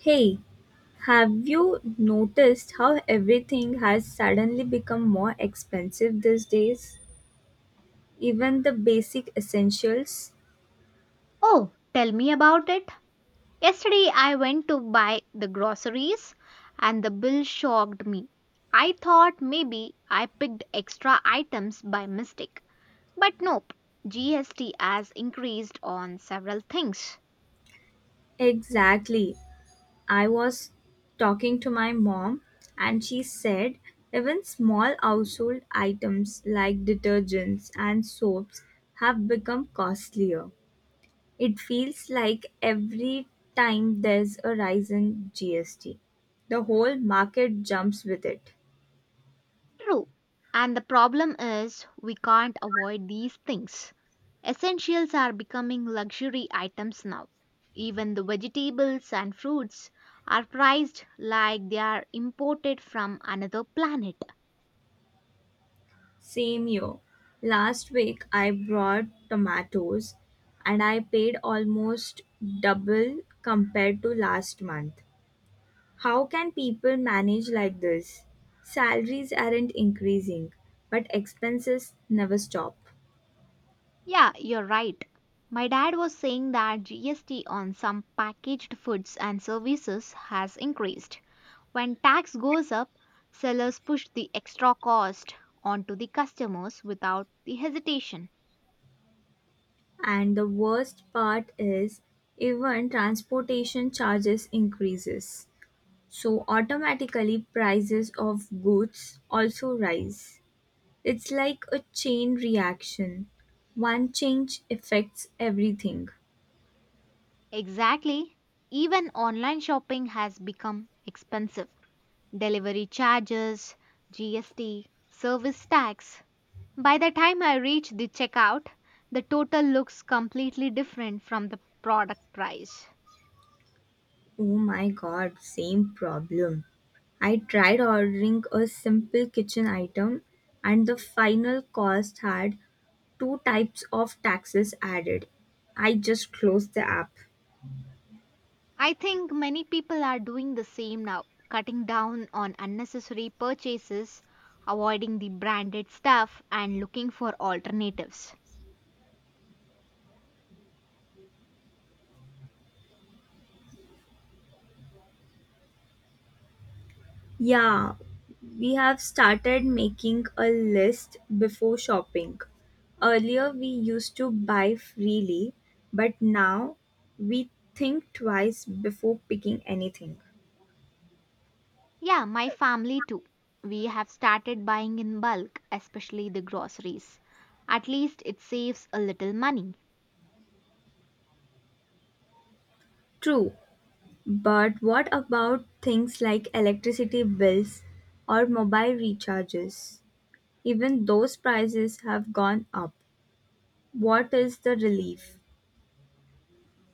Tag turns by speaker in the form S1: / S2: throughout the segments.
S1: Hey, have you noticed how everything has suddenly become more expensive these days? Even the basic essentials?
S2: Oh, tell me about it. Yesterday I went to buy the groceries and the bill shocked me. I thought maybe I picked extra items by mistake. But nope, GST has increased on several things.
S1: Exactly. I was talking to my mom and she said even small household items like detergents and soaps have become costlier. It feels like every time there's a rise in GST, the whole market jumps with it.
S2: True. And the problem is we can't avoid these things. Essentials are becoming luxury items now. Even the vegetables and fruits are priced like they are imported from another planet.
S1: Same year. Last week I brought tomatoes and I paid almost double compared to last month. How can people manage like this? Salaries aren't increasing, but expenses never stop.
S2: Yeah, you're right. My dad was saying that GST on some packaged foods and services has increased. When tax goes up, sellers push the extra cost onto the customers without the hesitation.
S1: And the worst part is even transportation charges increases. So automatically prices of goods also rise. It's like a chain reaction. One change affects everything.
S2: Exactly. Even online shopping has become expensive. Delivery charges, GST, service tax. By the time I reach the checkout, the total looks completely different from the product price.
S1: Oh my god, same problem. I tried ordering a simple kitchen item and the final cost had two types of taxes added. I just closed the app.
S2: I think many people are doing the same now, cutting down on unnecessary purchases, avoiding the branded stuff, and looking for alternatives.
S1: Yeah, we have started making a list before shopping. Earlier, we used to buy freely, but now we think twice before picking anything.
S2: Yeah, my family too. We have started buying in bulk, especially the groceries. At least it saves a little money.
S1: True, but what about things like electricity bills or mobile recharges? Even those prices have gone up. What is the relief?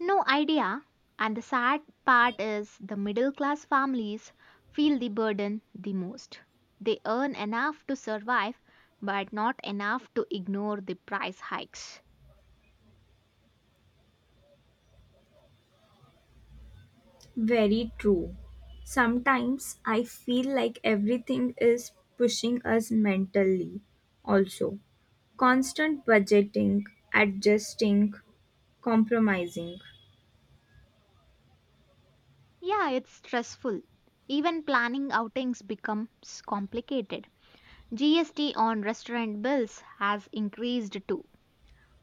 S2: No idea. And the sad part is the middle class families feel the burden the most. They earn enough to survive, but not enough to ignore the price hikes.
S1: Very true. Sometimes I feel like everything is pushing us mentally, also. Constant budgeting, adjusting, compromising.
S2: Yeah, it's stressful. Even planning outings becomes complicated. GST on restaurant bills has increased too.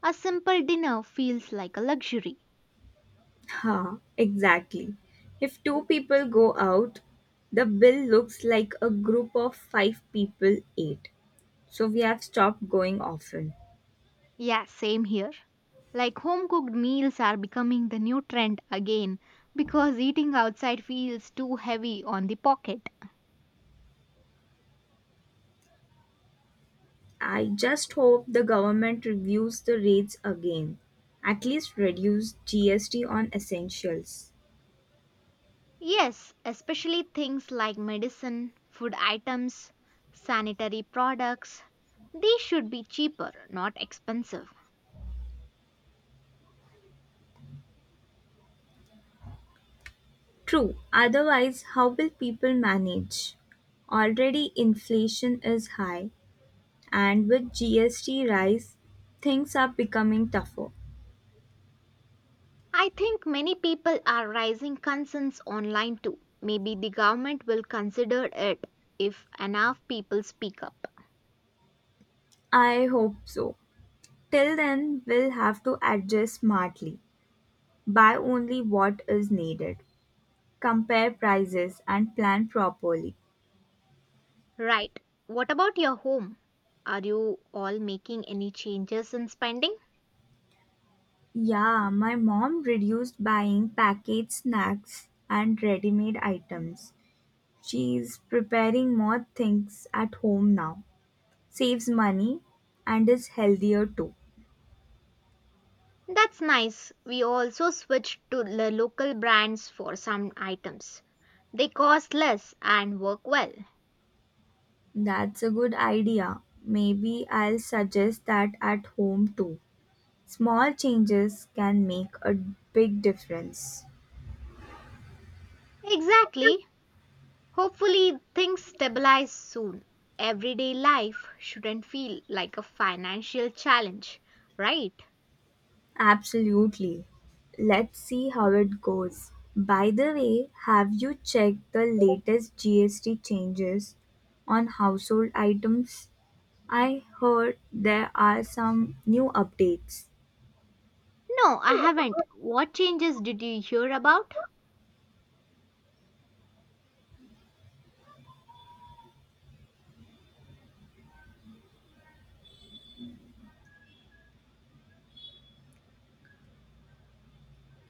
S2: A simple dinner feels like a luxury.
S1: Ha, exactly. If two people go out, the bill looks like a group of five people ate. So we have stopped going often.
S2: Yeah, same here. Like home cooked meals are becoming the new trend again because eating outside feels too heavy on the pocket.
S1: I just hope the government reviews the rates again. At least reduce GST on essentials.
S2: Yes, especially things like medicine, food items, sanitary products. They should be cheaper, not expensive.
S1: True, otherwise, how will people manage? Already inflation is high, and with GST rise, things are becoming tougher.
S2: I think many people are raising concerns online too. Maybe the government will consider it if enough people speak up.
S1: I hope so. Till then, we'll have to adjust smartly, buy only what is needed, compare prices, and plan properly.
S2: Right. What about your home? Are you all making any changes in spending?
S1: Yeah, my mom reduced buying packaged snacks and ready-made items. She's preparing more things at home now. Saves money and is healthier too.
S2: That's nice. We also switched to the local brands for some items. They cost less and work well.
S1: That's a good idea. Maybe I'll suggest that at home too. Small changes can make a big difference.
S2: Exactly. Hopefully, things stabilize soon. Everyday life shouldn't feel like a financial challenge, right?
S1: Absolutely. Let's see how it goes. By the way, have you checked the latest GST changes on household items? I heard there are some new updates.
S2: No, I haven't. What changes did you hear about?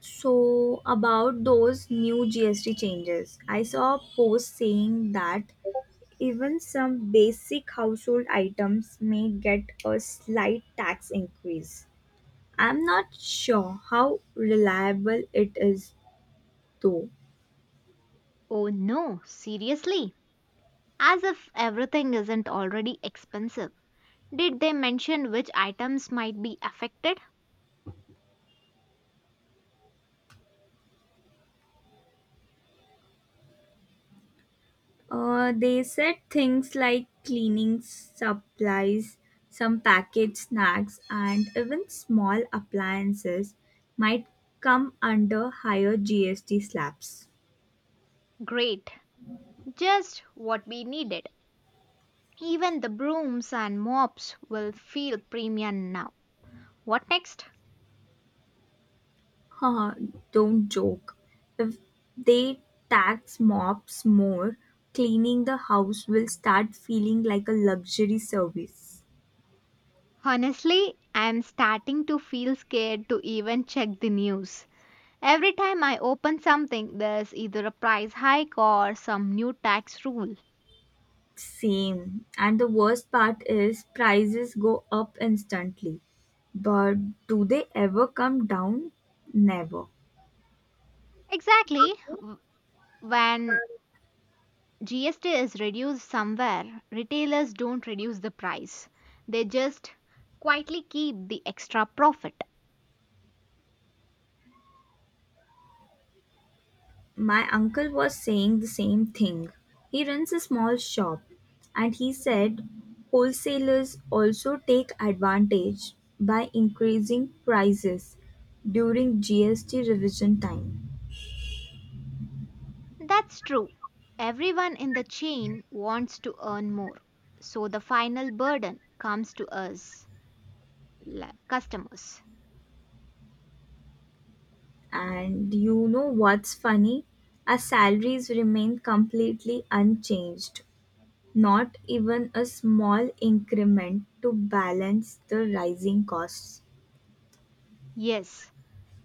S1: So, about those new GST changes, I saw a post saying that even some basic household items may get a slight tax increase. I'm not sure how reliable it is, though.
S2: Oh no, seriously? As if everything isn't already expensive. Did they mention which items might be affected?
S1: They said things like cleaning supplies, some packaged snacks, and even small appliances might come under higher GST slabs.
S2: Great, just what we needed. Even the brooms and mops will feel premium now. What next?
S1: Haha, don't joke. If they tax mops more, cleaning the house will start feeling like a luxury service.
S2: Honestly, I'm starting to feel scared to even check the news. Every time I open something, there's either a price hike or some new tax rule.
S1: Same. And the worst part is prices go up instantly. But do they ever come down? Never.
S2: Exactly. When GST is reduced somewhere, retailers don't reduce the price. They just quietly keep the extra profit.
S1: My uncle was saying the same thing. He runs a small shop and he said wholesalers also take advantage by increasing prices during GST revision time.
S2: That's true. Everyone in the chain wants to earn more. So the final burden comes to us, customers.
S1: And you know what's funny? Our salaries remain completely unchanged. Not even a small increment to balance the rising costs.
S2: Yes,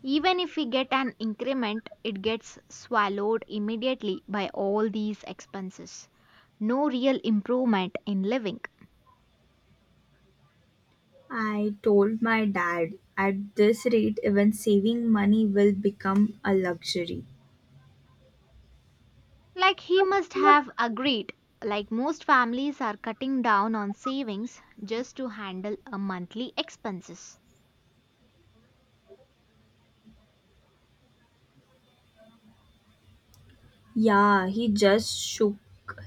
S2: even if we get an increment, it gets swallowed immediately by all these expenses. No real improvement in living.
S1: I told my dad, at this rate, even saving money will become a luxury.
S2: Like he must have agreed, like most families are cutting down on savings just to handle a monthly expenses.
S1: Yeah, he just shook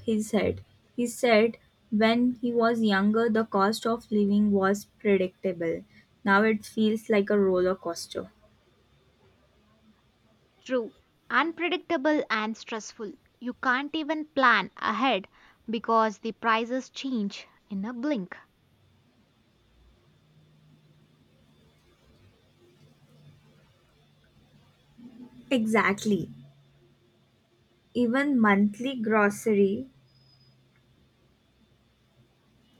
S1: his head. He said when he was younger, the cost of living was predictable. Now it feels like a roller coaster.
S2: True, unpredictable and stressful. You can't even plan ahead because the prices change in a blink.
S1: Exactly. Even monthly grocery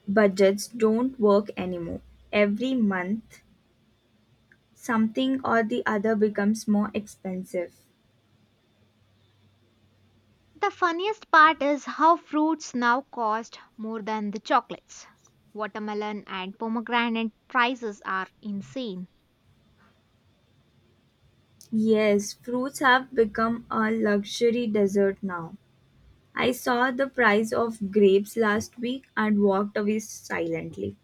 S1: budgets don't work anymore. Every month something or the other becomes more expensive.
S2: The funniest part is how fruits now cost more than the chocolates. Watermelon and pomegranate prices are insane.
S1: Yes, fruits have become a luxury dessert now. I saw the price of grapes last week and walked away silently.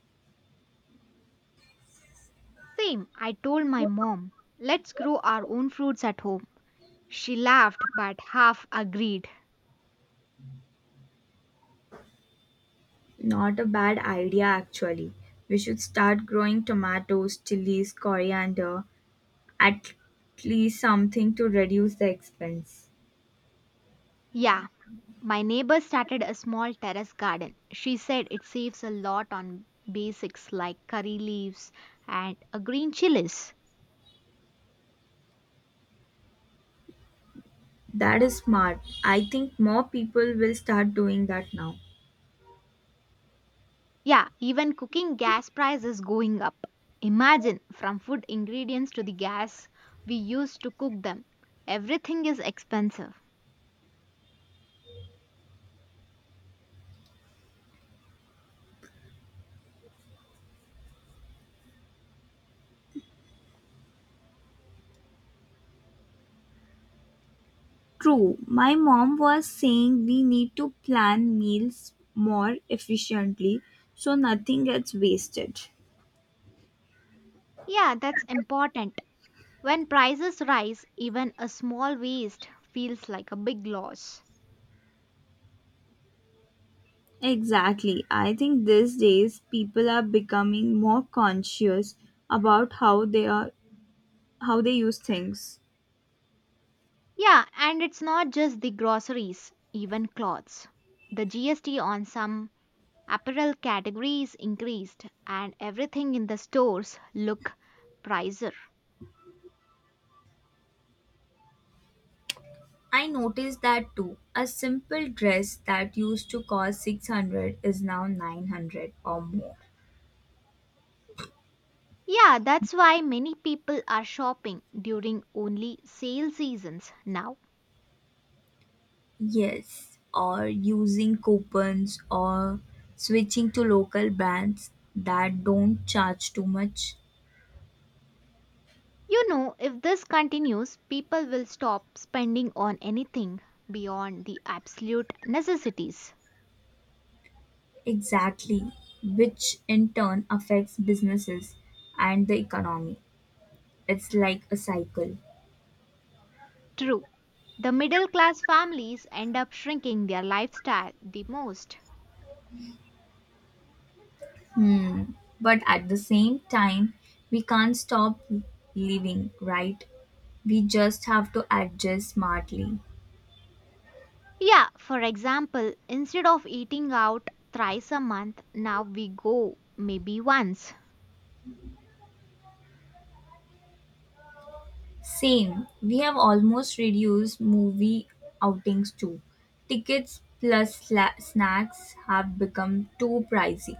S2: Same, I told my mom, let's grow our own fruits at home. She laughed but half agreed.
S1: Not a bad idea, actually. We should start growing tomatoes, chilies, coriander, at least something to reduce the expense.
S2: Yeah, my neighbor started a small terrace garden. She said it saves a lot on basics like curry leaves and a green chilies.
S1: That is smart. I think more people will start doing that now.
S2: Yeah, even cooking gas price is going up. Imagine from food ingredients to the gas we use to cook them. Everything is expensive.
S1: True, my mom was saying we need to plan meals more efficiently so nothing gets wasted.
S2: Yeah, that's important. When prices rise, even a small waste feels like a big loss.
S1: Exactly. I think these days people are becoming more conscious about how they use things.
S2: Yeah, and it's not just the groceries, even clothes. The GST on some apparel categories increased and everything in the stores look pricier.
S1: I noticed that too. A simple dress that used to cost 600 is now 900 or more.
S2: Yeah, that's why many people are shopping during only sale seasons now.
S1: Yes, or using coupons or switching to local brands that don't charge too much.
S2: You know, if this continues, people will stop spending on anything beyond the absolute necessities.
S1: Exactly, which in turn affects businesses and the economy. It's like a cycle.
S2: True. The middle class families end up shrinking their lifestyle the most.
S1: Hmm. But at the same time, we can't stop living, right? We just have to adjust smartly.
S2: Yeah, for example, instead of eating out thrice a month, now we go maybe once.
S1: Same. We have almost reduced movie outings too. Tickets plus snacks have become too pricey.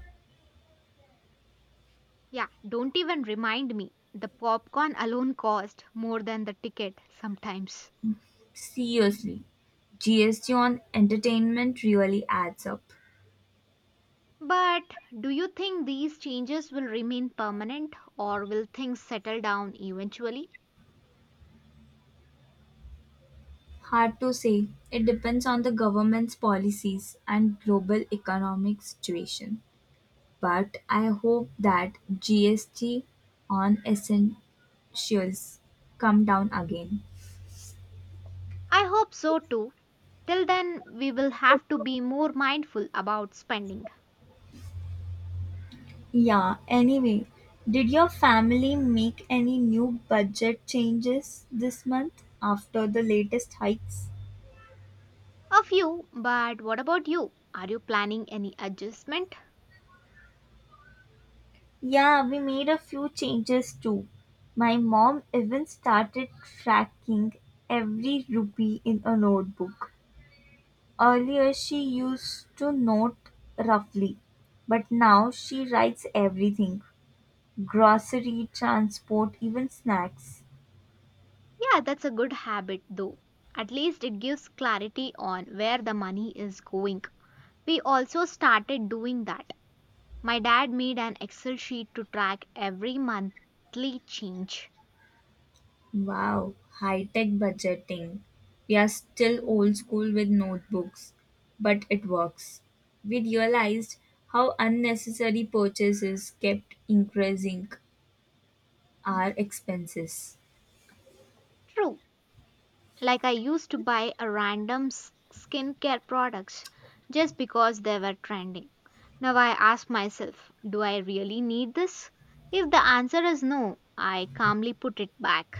S2: Yeah, don't even remind me. The popcorn alone cost more than the ticket sometimes.
S1: Seriously, GST on entertainment really adds up.
S2: But do you think these changes will remain permanent or will things settle down eventually?
S1: Hard to say. It depends on the government's policies and global economic situation. But I hope that GST on essentials come down again.
S2: I hope so too. Till then, we will have to be more mindful about spending.
S1: Yeah, anyway, did your family make any new budget changes this month after the latest hikes?
S2: A few, but what about you? Are you planning any adjustment?
S1: Yeah, we made a few changes too. My mom even started tracking every rupee in a notebook. Earlier, she used to note roughly, but now she writes everything: grocery, transport, even snacks.
S2: Yeah, that's a good habit though. At least it gives clarity on where the money is going. We also started doing that. My dad made an Excel sheet to track every monthly change.
S1: Wow, high tech budgeting. We are still old school with notebooks, but it works. We realized how unnecessary purchases kept increasing our expenses.
S2: True, like I used to buy skincare products just because they were trending. Now I ask myself, do I really need this? If the answer is no, I calmly put it back.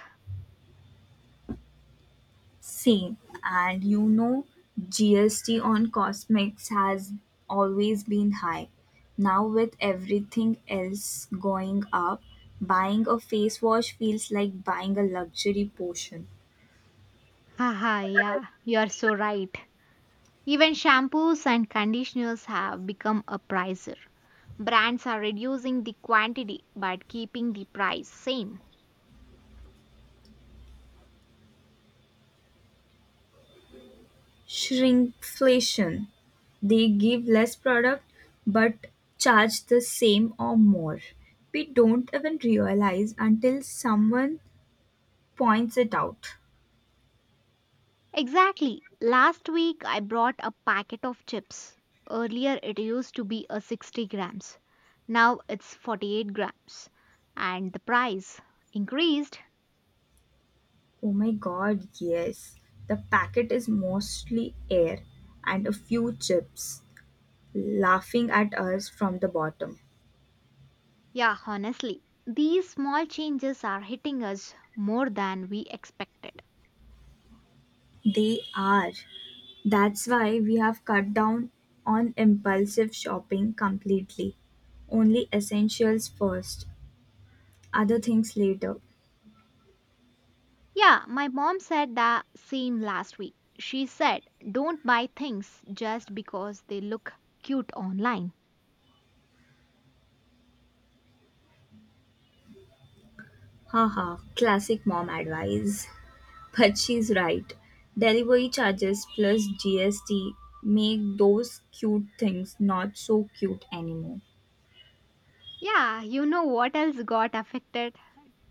S1: Same, and you know, GST on cosmetics has always been high. Now, with everything else going up, buying a face wash feels like buying a luxury potion.
S2: Haha, yeah, you're so right. Even shampoos and conditioners have become a pricer. Brands are reducing the quantity but keeping the price same.
S1: Shrinkflation: they give less product but charge the same or more. We don't even realize until someone points it out.
S2: Exactly. Last week I brought a packet of chips. Earlier it used to be a 60 grams. Now it's 48 grams. And the price increased.
S1: Oh my god, yes. The packet is mostly air and a few chips laughing at us from the bottom.
S2: Yeah, honestly, these small changes are hitting us more than we expected.
S1: They are. That's why we have cut down on impulsive shopping completely. Only essentials first, other things later.
S2: Yeah, my mom said the same last week. She said, don't buy things just because they look cute online.
S1: Haha, classic mom advice. But she's right. Delivery charges plus GST make those cute things not so cute anymore.
S2: Yeah, you know what else got affected?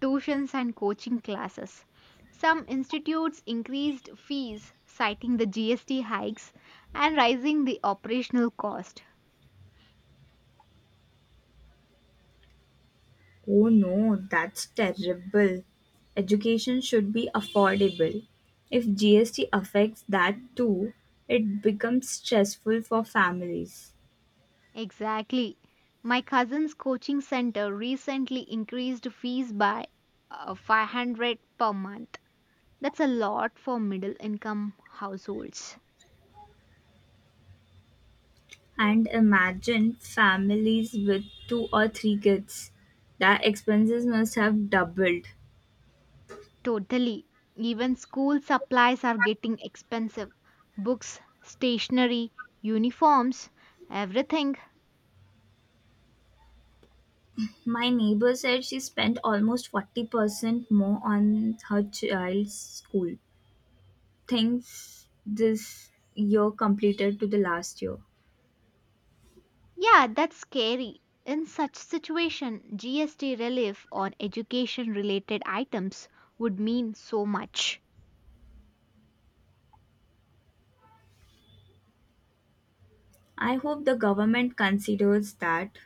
S2: Tuitions and coaching classes. Some institutes increased fees, citing the GST hikes and rising the operational cost.
S1: Oh no, that's terrible. Education should be affordable. If GST affects that too, it becomes stressful for families.
S2: Exactly. My cousin's coaching center recently increased fees by 500 per month. That's a lot for middle income households.
S1: And imagine families with two or three kids. Their expenses must have doubled.
S2: Totally. Even school supplies are getting expensive. Books, stationery, uniforms, everything.
S1: My neighbor said she spent almost 40% more on her child's school things this year completed to the last year.
S2: Yeah, that's scary. In such situation, GST relief on education related items would mean so much.
S1: I hope the government considers that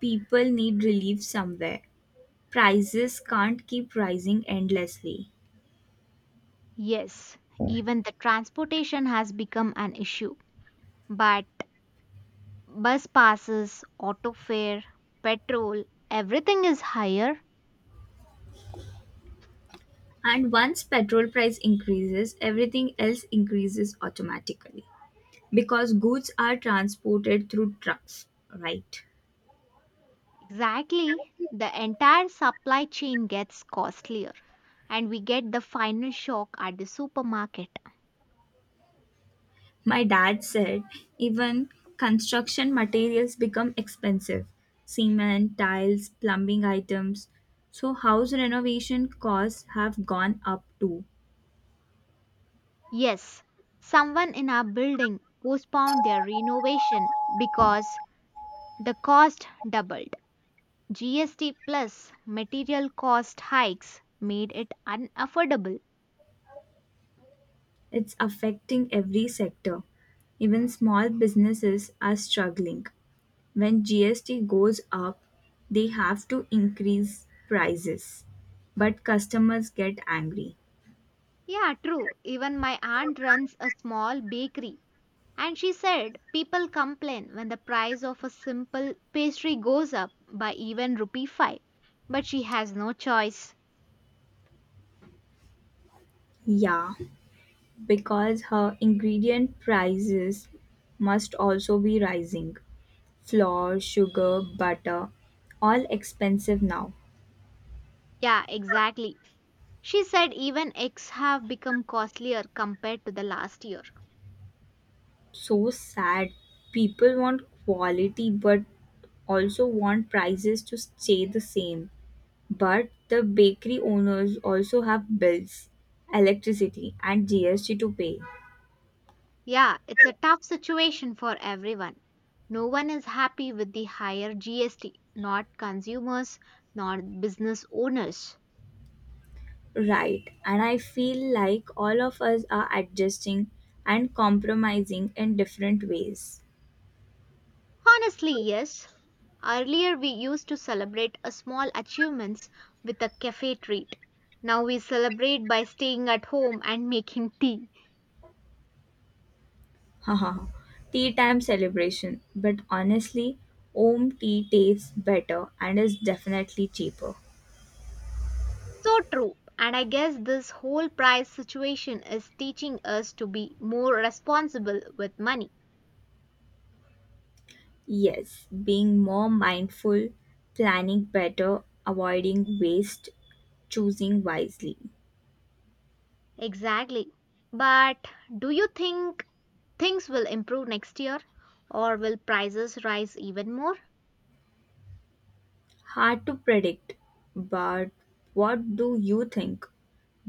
S1: people need relief somewhere. Prices can't keep rising endlessly.
S2: Yes, even the transportation has become an issue. But bus passes, auto fare, petrol, everything is higher.
S1: And once petrol price increases, everything else increases automatically because goods are transported through trucks, right?
S2: Exactly. The entire supply chain gets costlier and we get the final shock at the supermarket.
S1: My dad said even construction materials become expensive: cement, tiles, plumbing items. So, house renovation costs have gone up too.
S2: Yes, someone in our building postponed their renovation because the cost doubled. GST plus material cost hikes made it unaffordable.
S1: It's affecting every sector. Even small businesses are struggling. When GST goes up, they have to increase prices. But customers get angry.
S2: Yeah, true. Even my aunt runs a small bakery. And she said people complain when the price of a simple pastry goes up by even rupee 5. But she has no choice.
S1: Yeah, because her ingredient prices must also be rising. Flour, sugar, butter, all expensive now.
S2: Yeah, exactly. She said even eggs have become costlier compared to the last year.
S1: So sad. People want quality but also want prices to stay the same. But the bakery owners also have bills, electricity, and GST to pay.
S2: Yeah, it's a tough situation for everyone. No one is happy with the higher GST, not consumers, not business owners.
S1: Right, and I feel like all of us are adjusting and compromising in different ways.
S2: Honestly, yes. Earlier we used to celebrate a small achievements with a cafe treat. Now we celebrate by staying at home and making tea.
S1: Haha, tea time celebration, but honestly, home tea tastes better and is definitely cheaper.
S2: So true. And I guess this whole price situation is teaching us to be more responsible with money.
S1: Yes, being more mindful, planning better, avoiding waste, choosing wisely.
S2: Exactly. But do you think things will improve next year, or will prices rise even more?
S1: Hard to predict, but what do you think?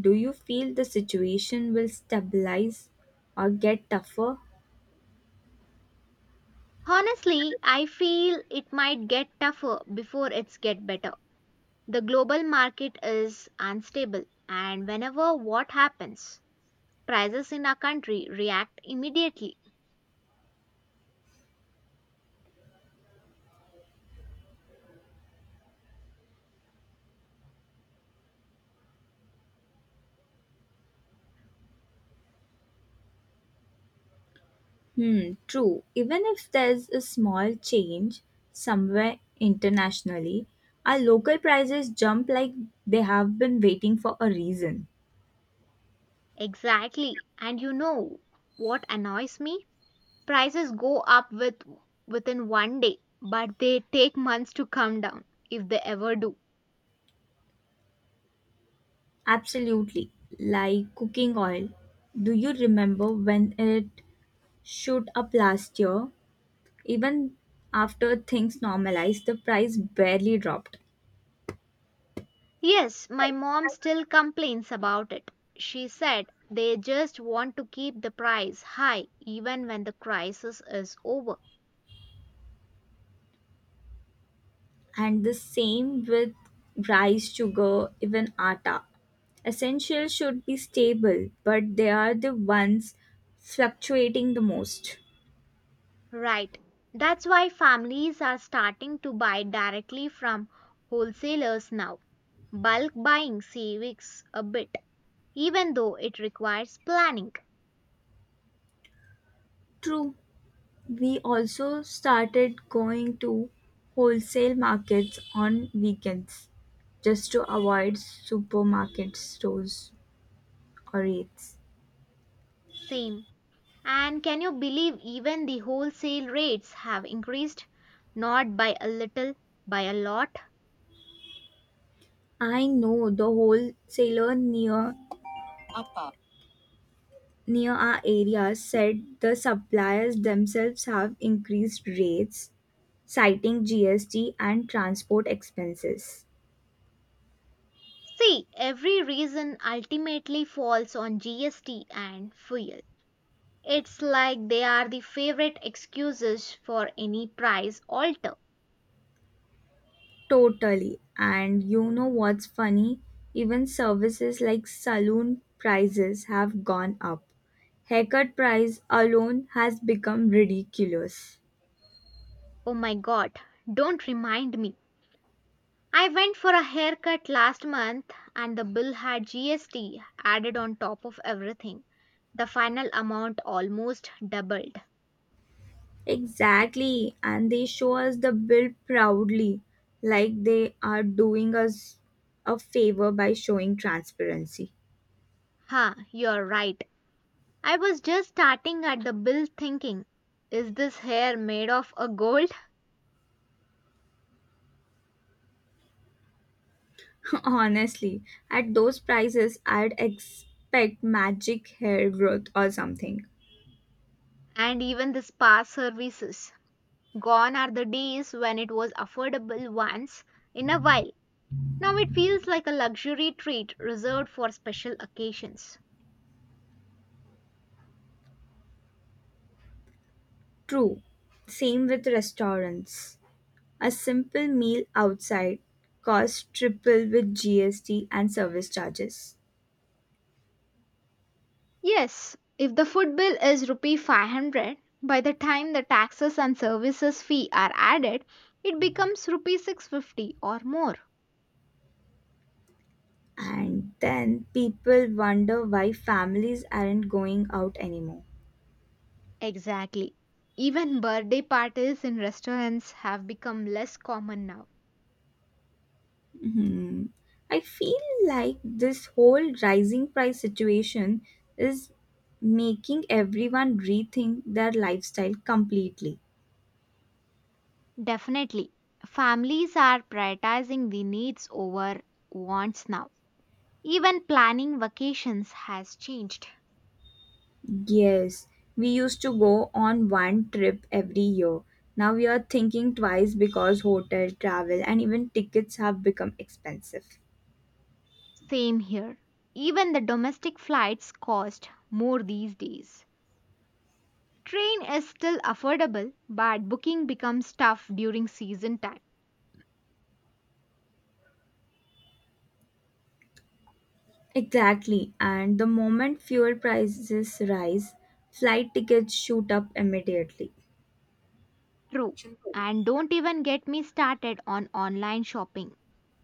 S1: Do you feel the situation will stabilize or get tougher?
S2: Honestly, I feel it might get tougher before it's get better. The global market is unstable and whenever what happens, prices in our country react immediately.
S1: Hmm, true. Even if there's a small change somewhere internationally, our local prices jump like they have been waiting for a reason.
S2: Exactly. And you know what annoys me? Prices go up with within one day, but they take months to come down if they ever do.
S1: Absolutely. Like cooking oil. Do you remember when it shoot up last year? Even after things normalized, the price barely dropped.
S2: Yes, my mom still complains about it. She said they just want to keep the price high even when the crisis is over.
S1: And the same with rice, sugar, even atta. Essentials should be stable, but they are the ones fluctuating the most.
S2: Right. That's why families are starting to buy directly from wholesalers now. Bulk buying saves a bit, even though it requires planning.
S1: True, we also started going to wholesale markets on weekends just to avoid supermarket stores or rates.
S2: Same. And can you believe even the wholesale rates have increased? Not by a little, by a lot.
S1: I know the wholesaler near our area said the suppliers themselves have increased rates citing GST and transport expenses.
S2: See, every reason ultimately falls on GST and fuel. It's like they are the favorite excuses for any price alter.
S1: Totally. And you know what's funny? Even services like saloon prices have gone up. Haircut price alone has become ridiculous.
S2: Oh my god, don't remind me. I went for a haircut last month and the bill had GST added on top of everything. The final amount almost doubled.
S1: Exactly, and they show us the bill proudly, like they are doing us a favor by showing transparency.
S2: Huh, you're right. I was just starting at the bill thinking, is this hair made of a gold?
S1: Honestly, at those prices, I'd expect magic hair growth or something.
S2: And even the spa services. Gone are the days when it was affordable once in a while. Now it feels like a luxury treat reserved for special occasions.
S1: True. Same with restaurants. A simple meal outside costs triple with GST and service charges.
S2: Yes, if the food bill is rupee 500, by the time the taxes and services fee are added, it becomes rupee 650 or more.
S1: And then people wonder why families aren't going out anymore.
S2: Exactly. Even birthday parties in restaurants have become less common now.
S1: Hmm. I feel like this whole rising price situation is making everyone rethink their lifestyle completely.
S2: Definitely. Families are prioritizing the needs over wants now. Even planning vacations has changed.
S1: Yes, we used to go on one trip every year. Now we are thinking twice because hotel, travel, and even tickets have become expensive.
S2: Same here. Even the domestic flights cost more these days. Train is still affordable, but booking becomes tough during season time.
S1: Exactly, and the moment fuel prices rise, flight tickets shoot up immediately.
S2: True. And don't even get me started on online shopping.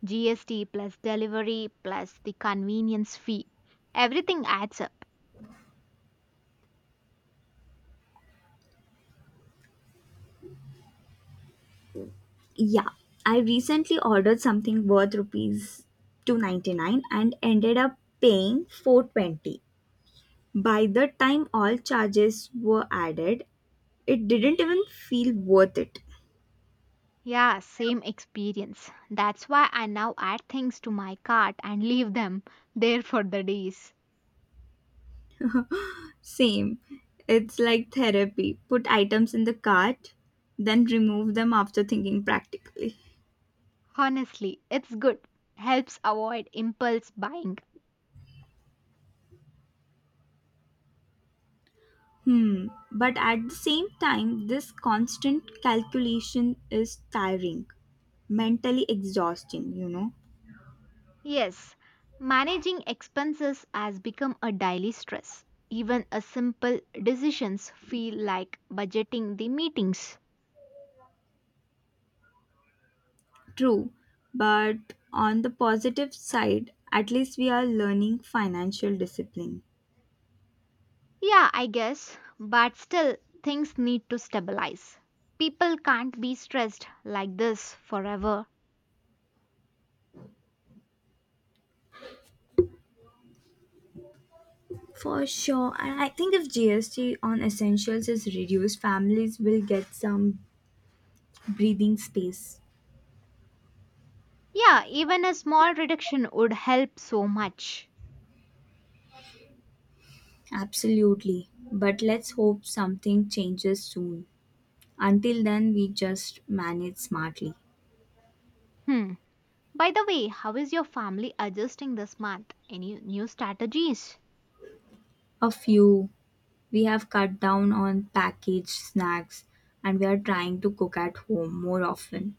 S2: GST plus delivery plus the convenience fee. Everything adds up.
S1: Yeah, I recently ordered something worth rupees 299 and ended up paying 420. By the time all charges were added, it didn't even feel worth it.
S2: Yeah, same experience. That's why I now add things to my cart and leave them there for the days.
S1: Same. It's like therapy. Put items in the cart, then remove them after thinking practically.
S2: Honestly, it's good. Helps avoid impulse buying.
S1: Hmm. But at the same time, this constant calculation is tiring, mentally exhausting, you know.
S2: Yes, managing expenses has become a daily stress. Even a simple decisions feel like budgeting the meetings.
S1: True. But on the positive side, at least we are learning financial discipline.
S2: Yeah, I guess, but still things need to stabilize. People can't be stressed like this forever.
S1: For sure. And I think if GST on essentials is reduced, families will get some breathing space.
S2: Yeah, even a small reduction would help so much.
S1: Absolutely. But let's hope something changes soon. Until then, we just manage smartly.
S2: Hmm. By the way, how is your family adjusting this month? Any new strategies?
S1: A few, we have cut down on packaged snacks and we are trying to cook at home more often.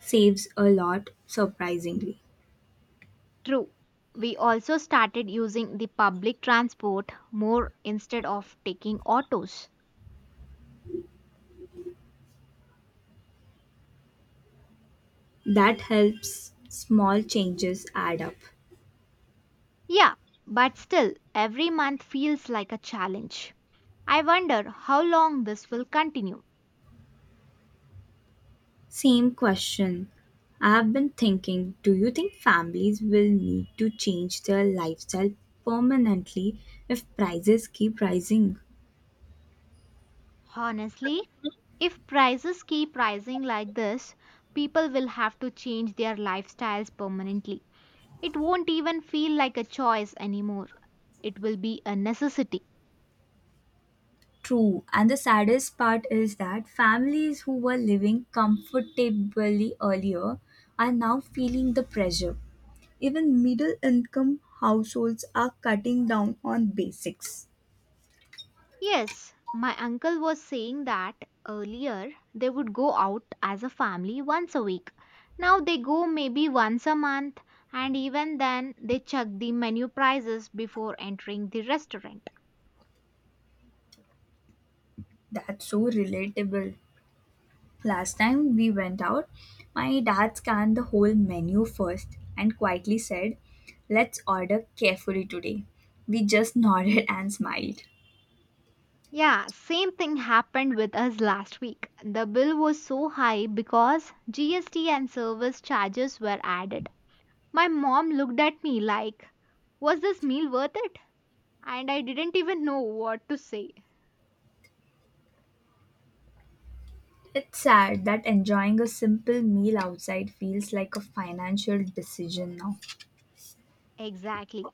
S1: Saves a lot, surprisingly.
S2: True. We also started using the public transport more instead of taking autos.
S1: That helps small changes add up.
S2: Yeah, but still, every month feels like a challenge. I wonder how long this will continue.
S1: Same question. I have been thinking, do you think families will need to change their lifestyle permanently if prices keep rising?
S2: Honestly, if prices keep rising like this, people will have to change their lifestyles permanently. It won't even feel like a choice anymore. It will be a necessity.
S1: True, and the saddest part is that families who were living comfortably earlier are now feeling the pressure. Even middle income households are cutting down on basics.
S2: Yes, my uncle was saying that earlier they would go out as a family once a week. Now they go maybe once a month, and even then they check the menu prices before entering the restaurant.
S1: That's so relatable. Last time we went out, my dad scanned the whole menu first and quietly said, "Let's order carefully today." We just nodded and smiled.
S2: Yeah, same thing happened with us last week. The bill was so high because GST and service charges were added. My mom looked at me like, was this meal worth it? And I didn't even know what to say.
S1: It's sad that enjoying a simple meal outside feels like a financial decision now.
S2: Exactly.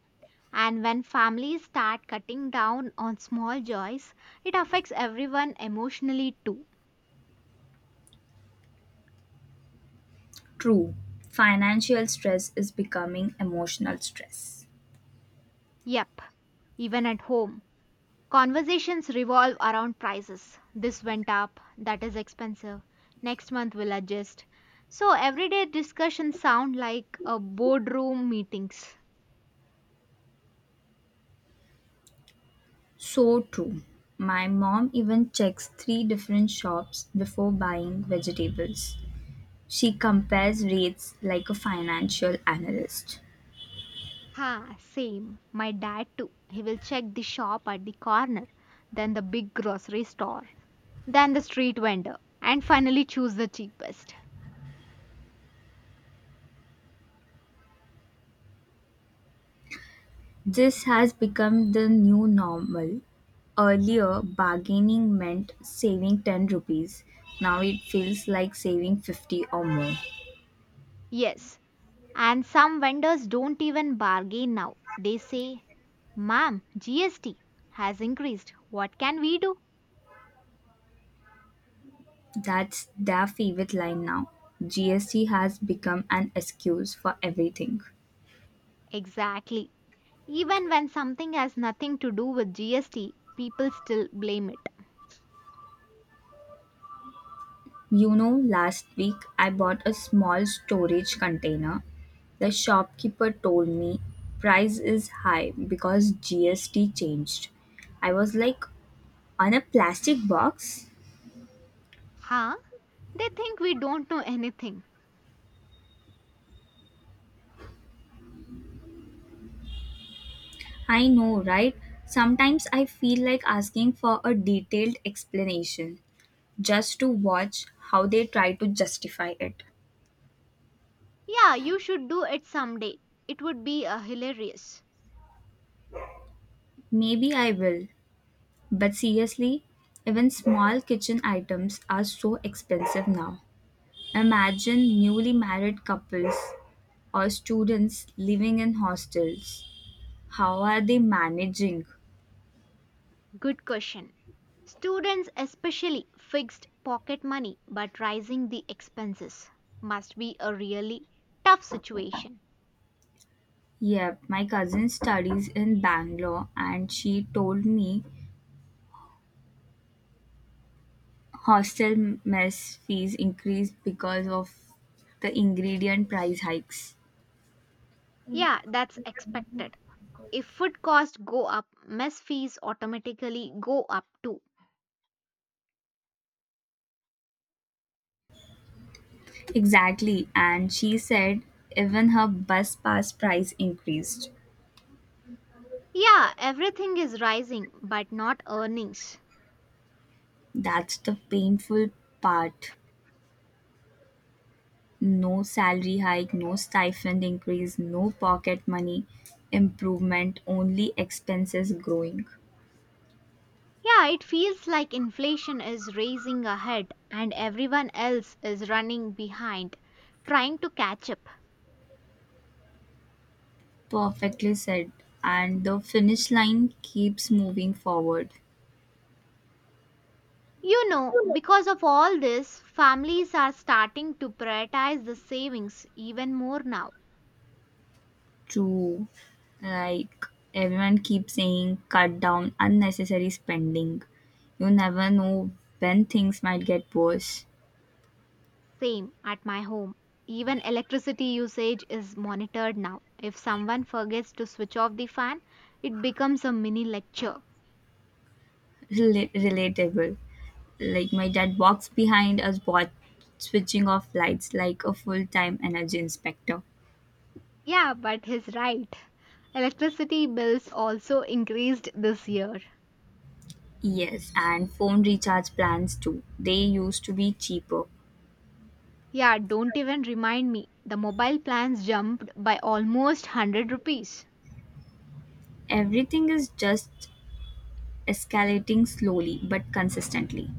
S2: And when families start cutting down on small joys, it affects everyone emotionally too.
S1: True, financial stress is becoming emotional stress.
S2: Yep, even at home. Conversations revolve around prices. This went up, that is expensive. Next month we'll adjust. So everyday discussions sound like a boardroom meetings.
S1: So true. My mom even checks three different shops before buying vegetables. She compares rates like a financial analyst.
S2: Ha, same. My dad too. He will check the shop at the corner, then the big grocery store than the street vendor and finally choose the cheapest.
S1: This has become the new normal. Earlier, bargaining meant saving 10 rupees. Now it feels like saving 50 or more.
S2: Yes, and some vendors don't even bargain now. They say, Ma'am, GST has increased. What can we do?
S1: That's their favorite line now. GST has become an excuse for everything.
S2: Exactly. Even when something has nothing to do with GST, people still blame it.
S1: You know, last week I bought a small storage container. The shopkeeper told me price is high because GST changed. I was like, on a plastic box?
S2: Huh? They think we don't know anything.
S1: I know, right? Sometimes I feel like asking for a detailed explanation just to watch how they try to justify it.
S2: Yeah, you should do it someday. It would be hilarious.
S1: Maybe I will, but seriously, even small kitchen items are so expensive now. Imagine newly married couples or students living in hostels. How are they managing?
S2: Good question. Students, especially fixed pocket money but rising the expenses, must be a really tough situation.
S1: Yep, my cousin studies in Bangalore and she told me hostel mess fees increased because of the ingredient price hikes.
S2: Yeah, that's expected. If food costs go up, mess fees automatically go up too.
S1: Exactly, and she said even her bus pass price increased.
S2: Yeah, everything is rising but not earnings.
S1: That's the painful part. No salary hike, no stipend increase, no pocket money improvement, only expenses growing.
S2: Yeah, it feels like inflation is raising ahead and everyone else is running behind, trying to catch up.
S1: Perfectly said. And the finish line keeps moving forward.
S2: You know, because of all this, families are starting to prioritize the savings even more now.
S1: True. Like everyone keeps saying, cut down unnecessary spending. You never know when things might get worse.
S2: Same at my home. Even electricity usage is monitored now. If someone forgets to switch off the fan, it becomes a mini lecture.
S1: Relatable. Like my dad walks behind us watch switching off lights like a full-time energy inspector.
S2: Yeah, but he's right. Electricity bills also increased this year.
S1: Yes, and phone recharge plans too, they used to be cheaper.
S2: Yeah, don't even remind me. The mobile plans jumped by almost 100 rupees.
S1: Everything is just escalating slowly but consistently.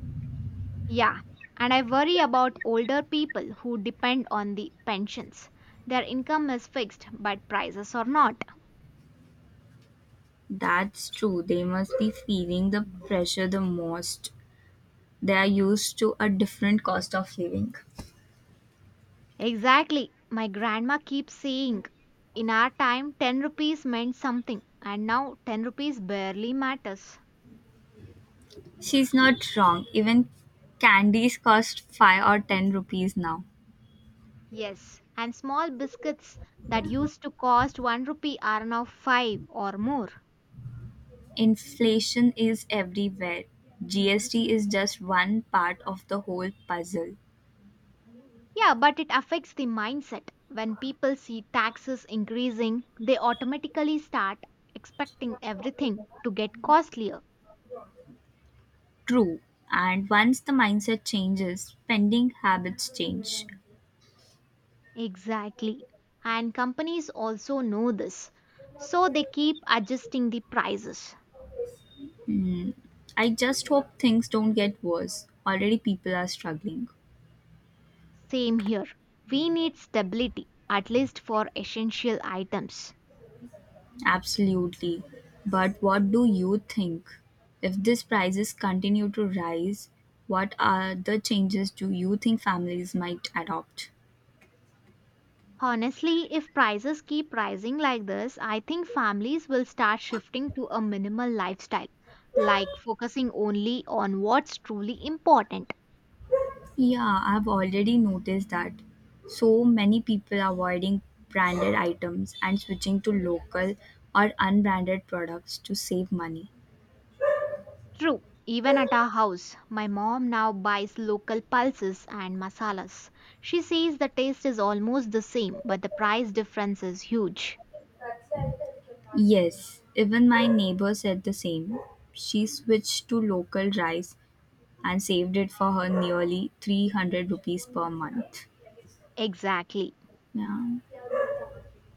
S2: Yeah, and I worry about older people who depend on the pensions. Their income is fixed, but prices are not.
S1: That's true, they must be feeling the pressure the most. They are used to a different cost of living.
S2: Exactly. My grandma keeps saying, in our time, 10 rupees meant something, and now 10 rupees barely matters.
S1: She's not wrong, even candies cost 5 or 10 rupees now.
S2: Yes, and small biscuits that used to cost 1 rupee are now 5 or more.
S1: Inflation is everywhere. GST is just one part of the whole puzzle.
S2: Yeah, but it affects the mindset. When people see taxes increasing, they automatically start expecting everything to get costlier.
S1: True. And once the mindset changes, spending habits change.
S2: Exactly. And companies also know this. So they keep adjusting the prices.
S1: I just hope things don't get worse. Already people are struggling.
S2: Same here. We need stability, at least for essential items.
S1: Absolutely. But what do you think? If these prices continue to rise, what are the changes do you think families might adopt?
S2: Honestly, if prices keep rising like this, I think families will start shifting to a minimal lifestyle, like focusing only on what's truly important.
S1: Yeah, I've already noticed that so many people are avoiding branded items and switching to local or unbranded products to save money.
S2: True, even at our house, my mom now buys local pulses and masalas. She says the taste is almost the same, but the price difference is huge.
S1: Yes, even my neighbor said the same. She switched to local rice and saved it for her nearly 300 rupees per month.
S2: Exactly.
S1: Yeah.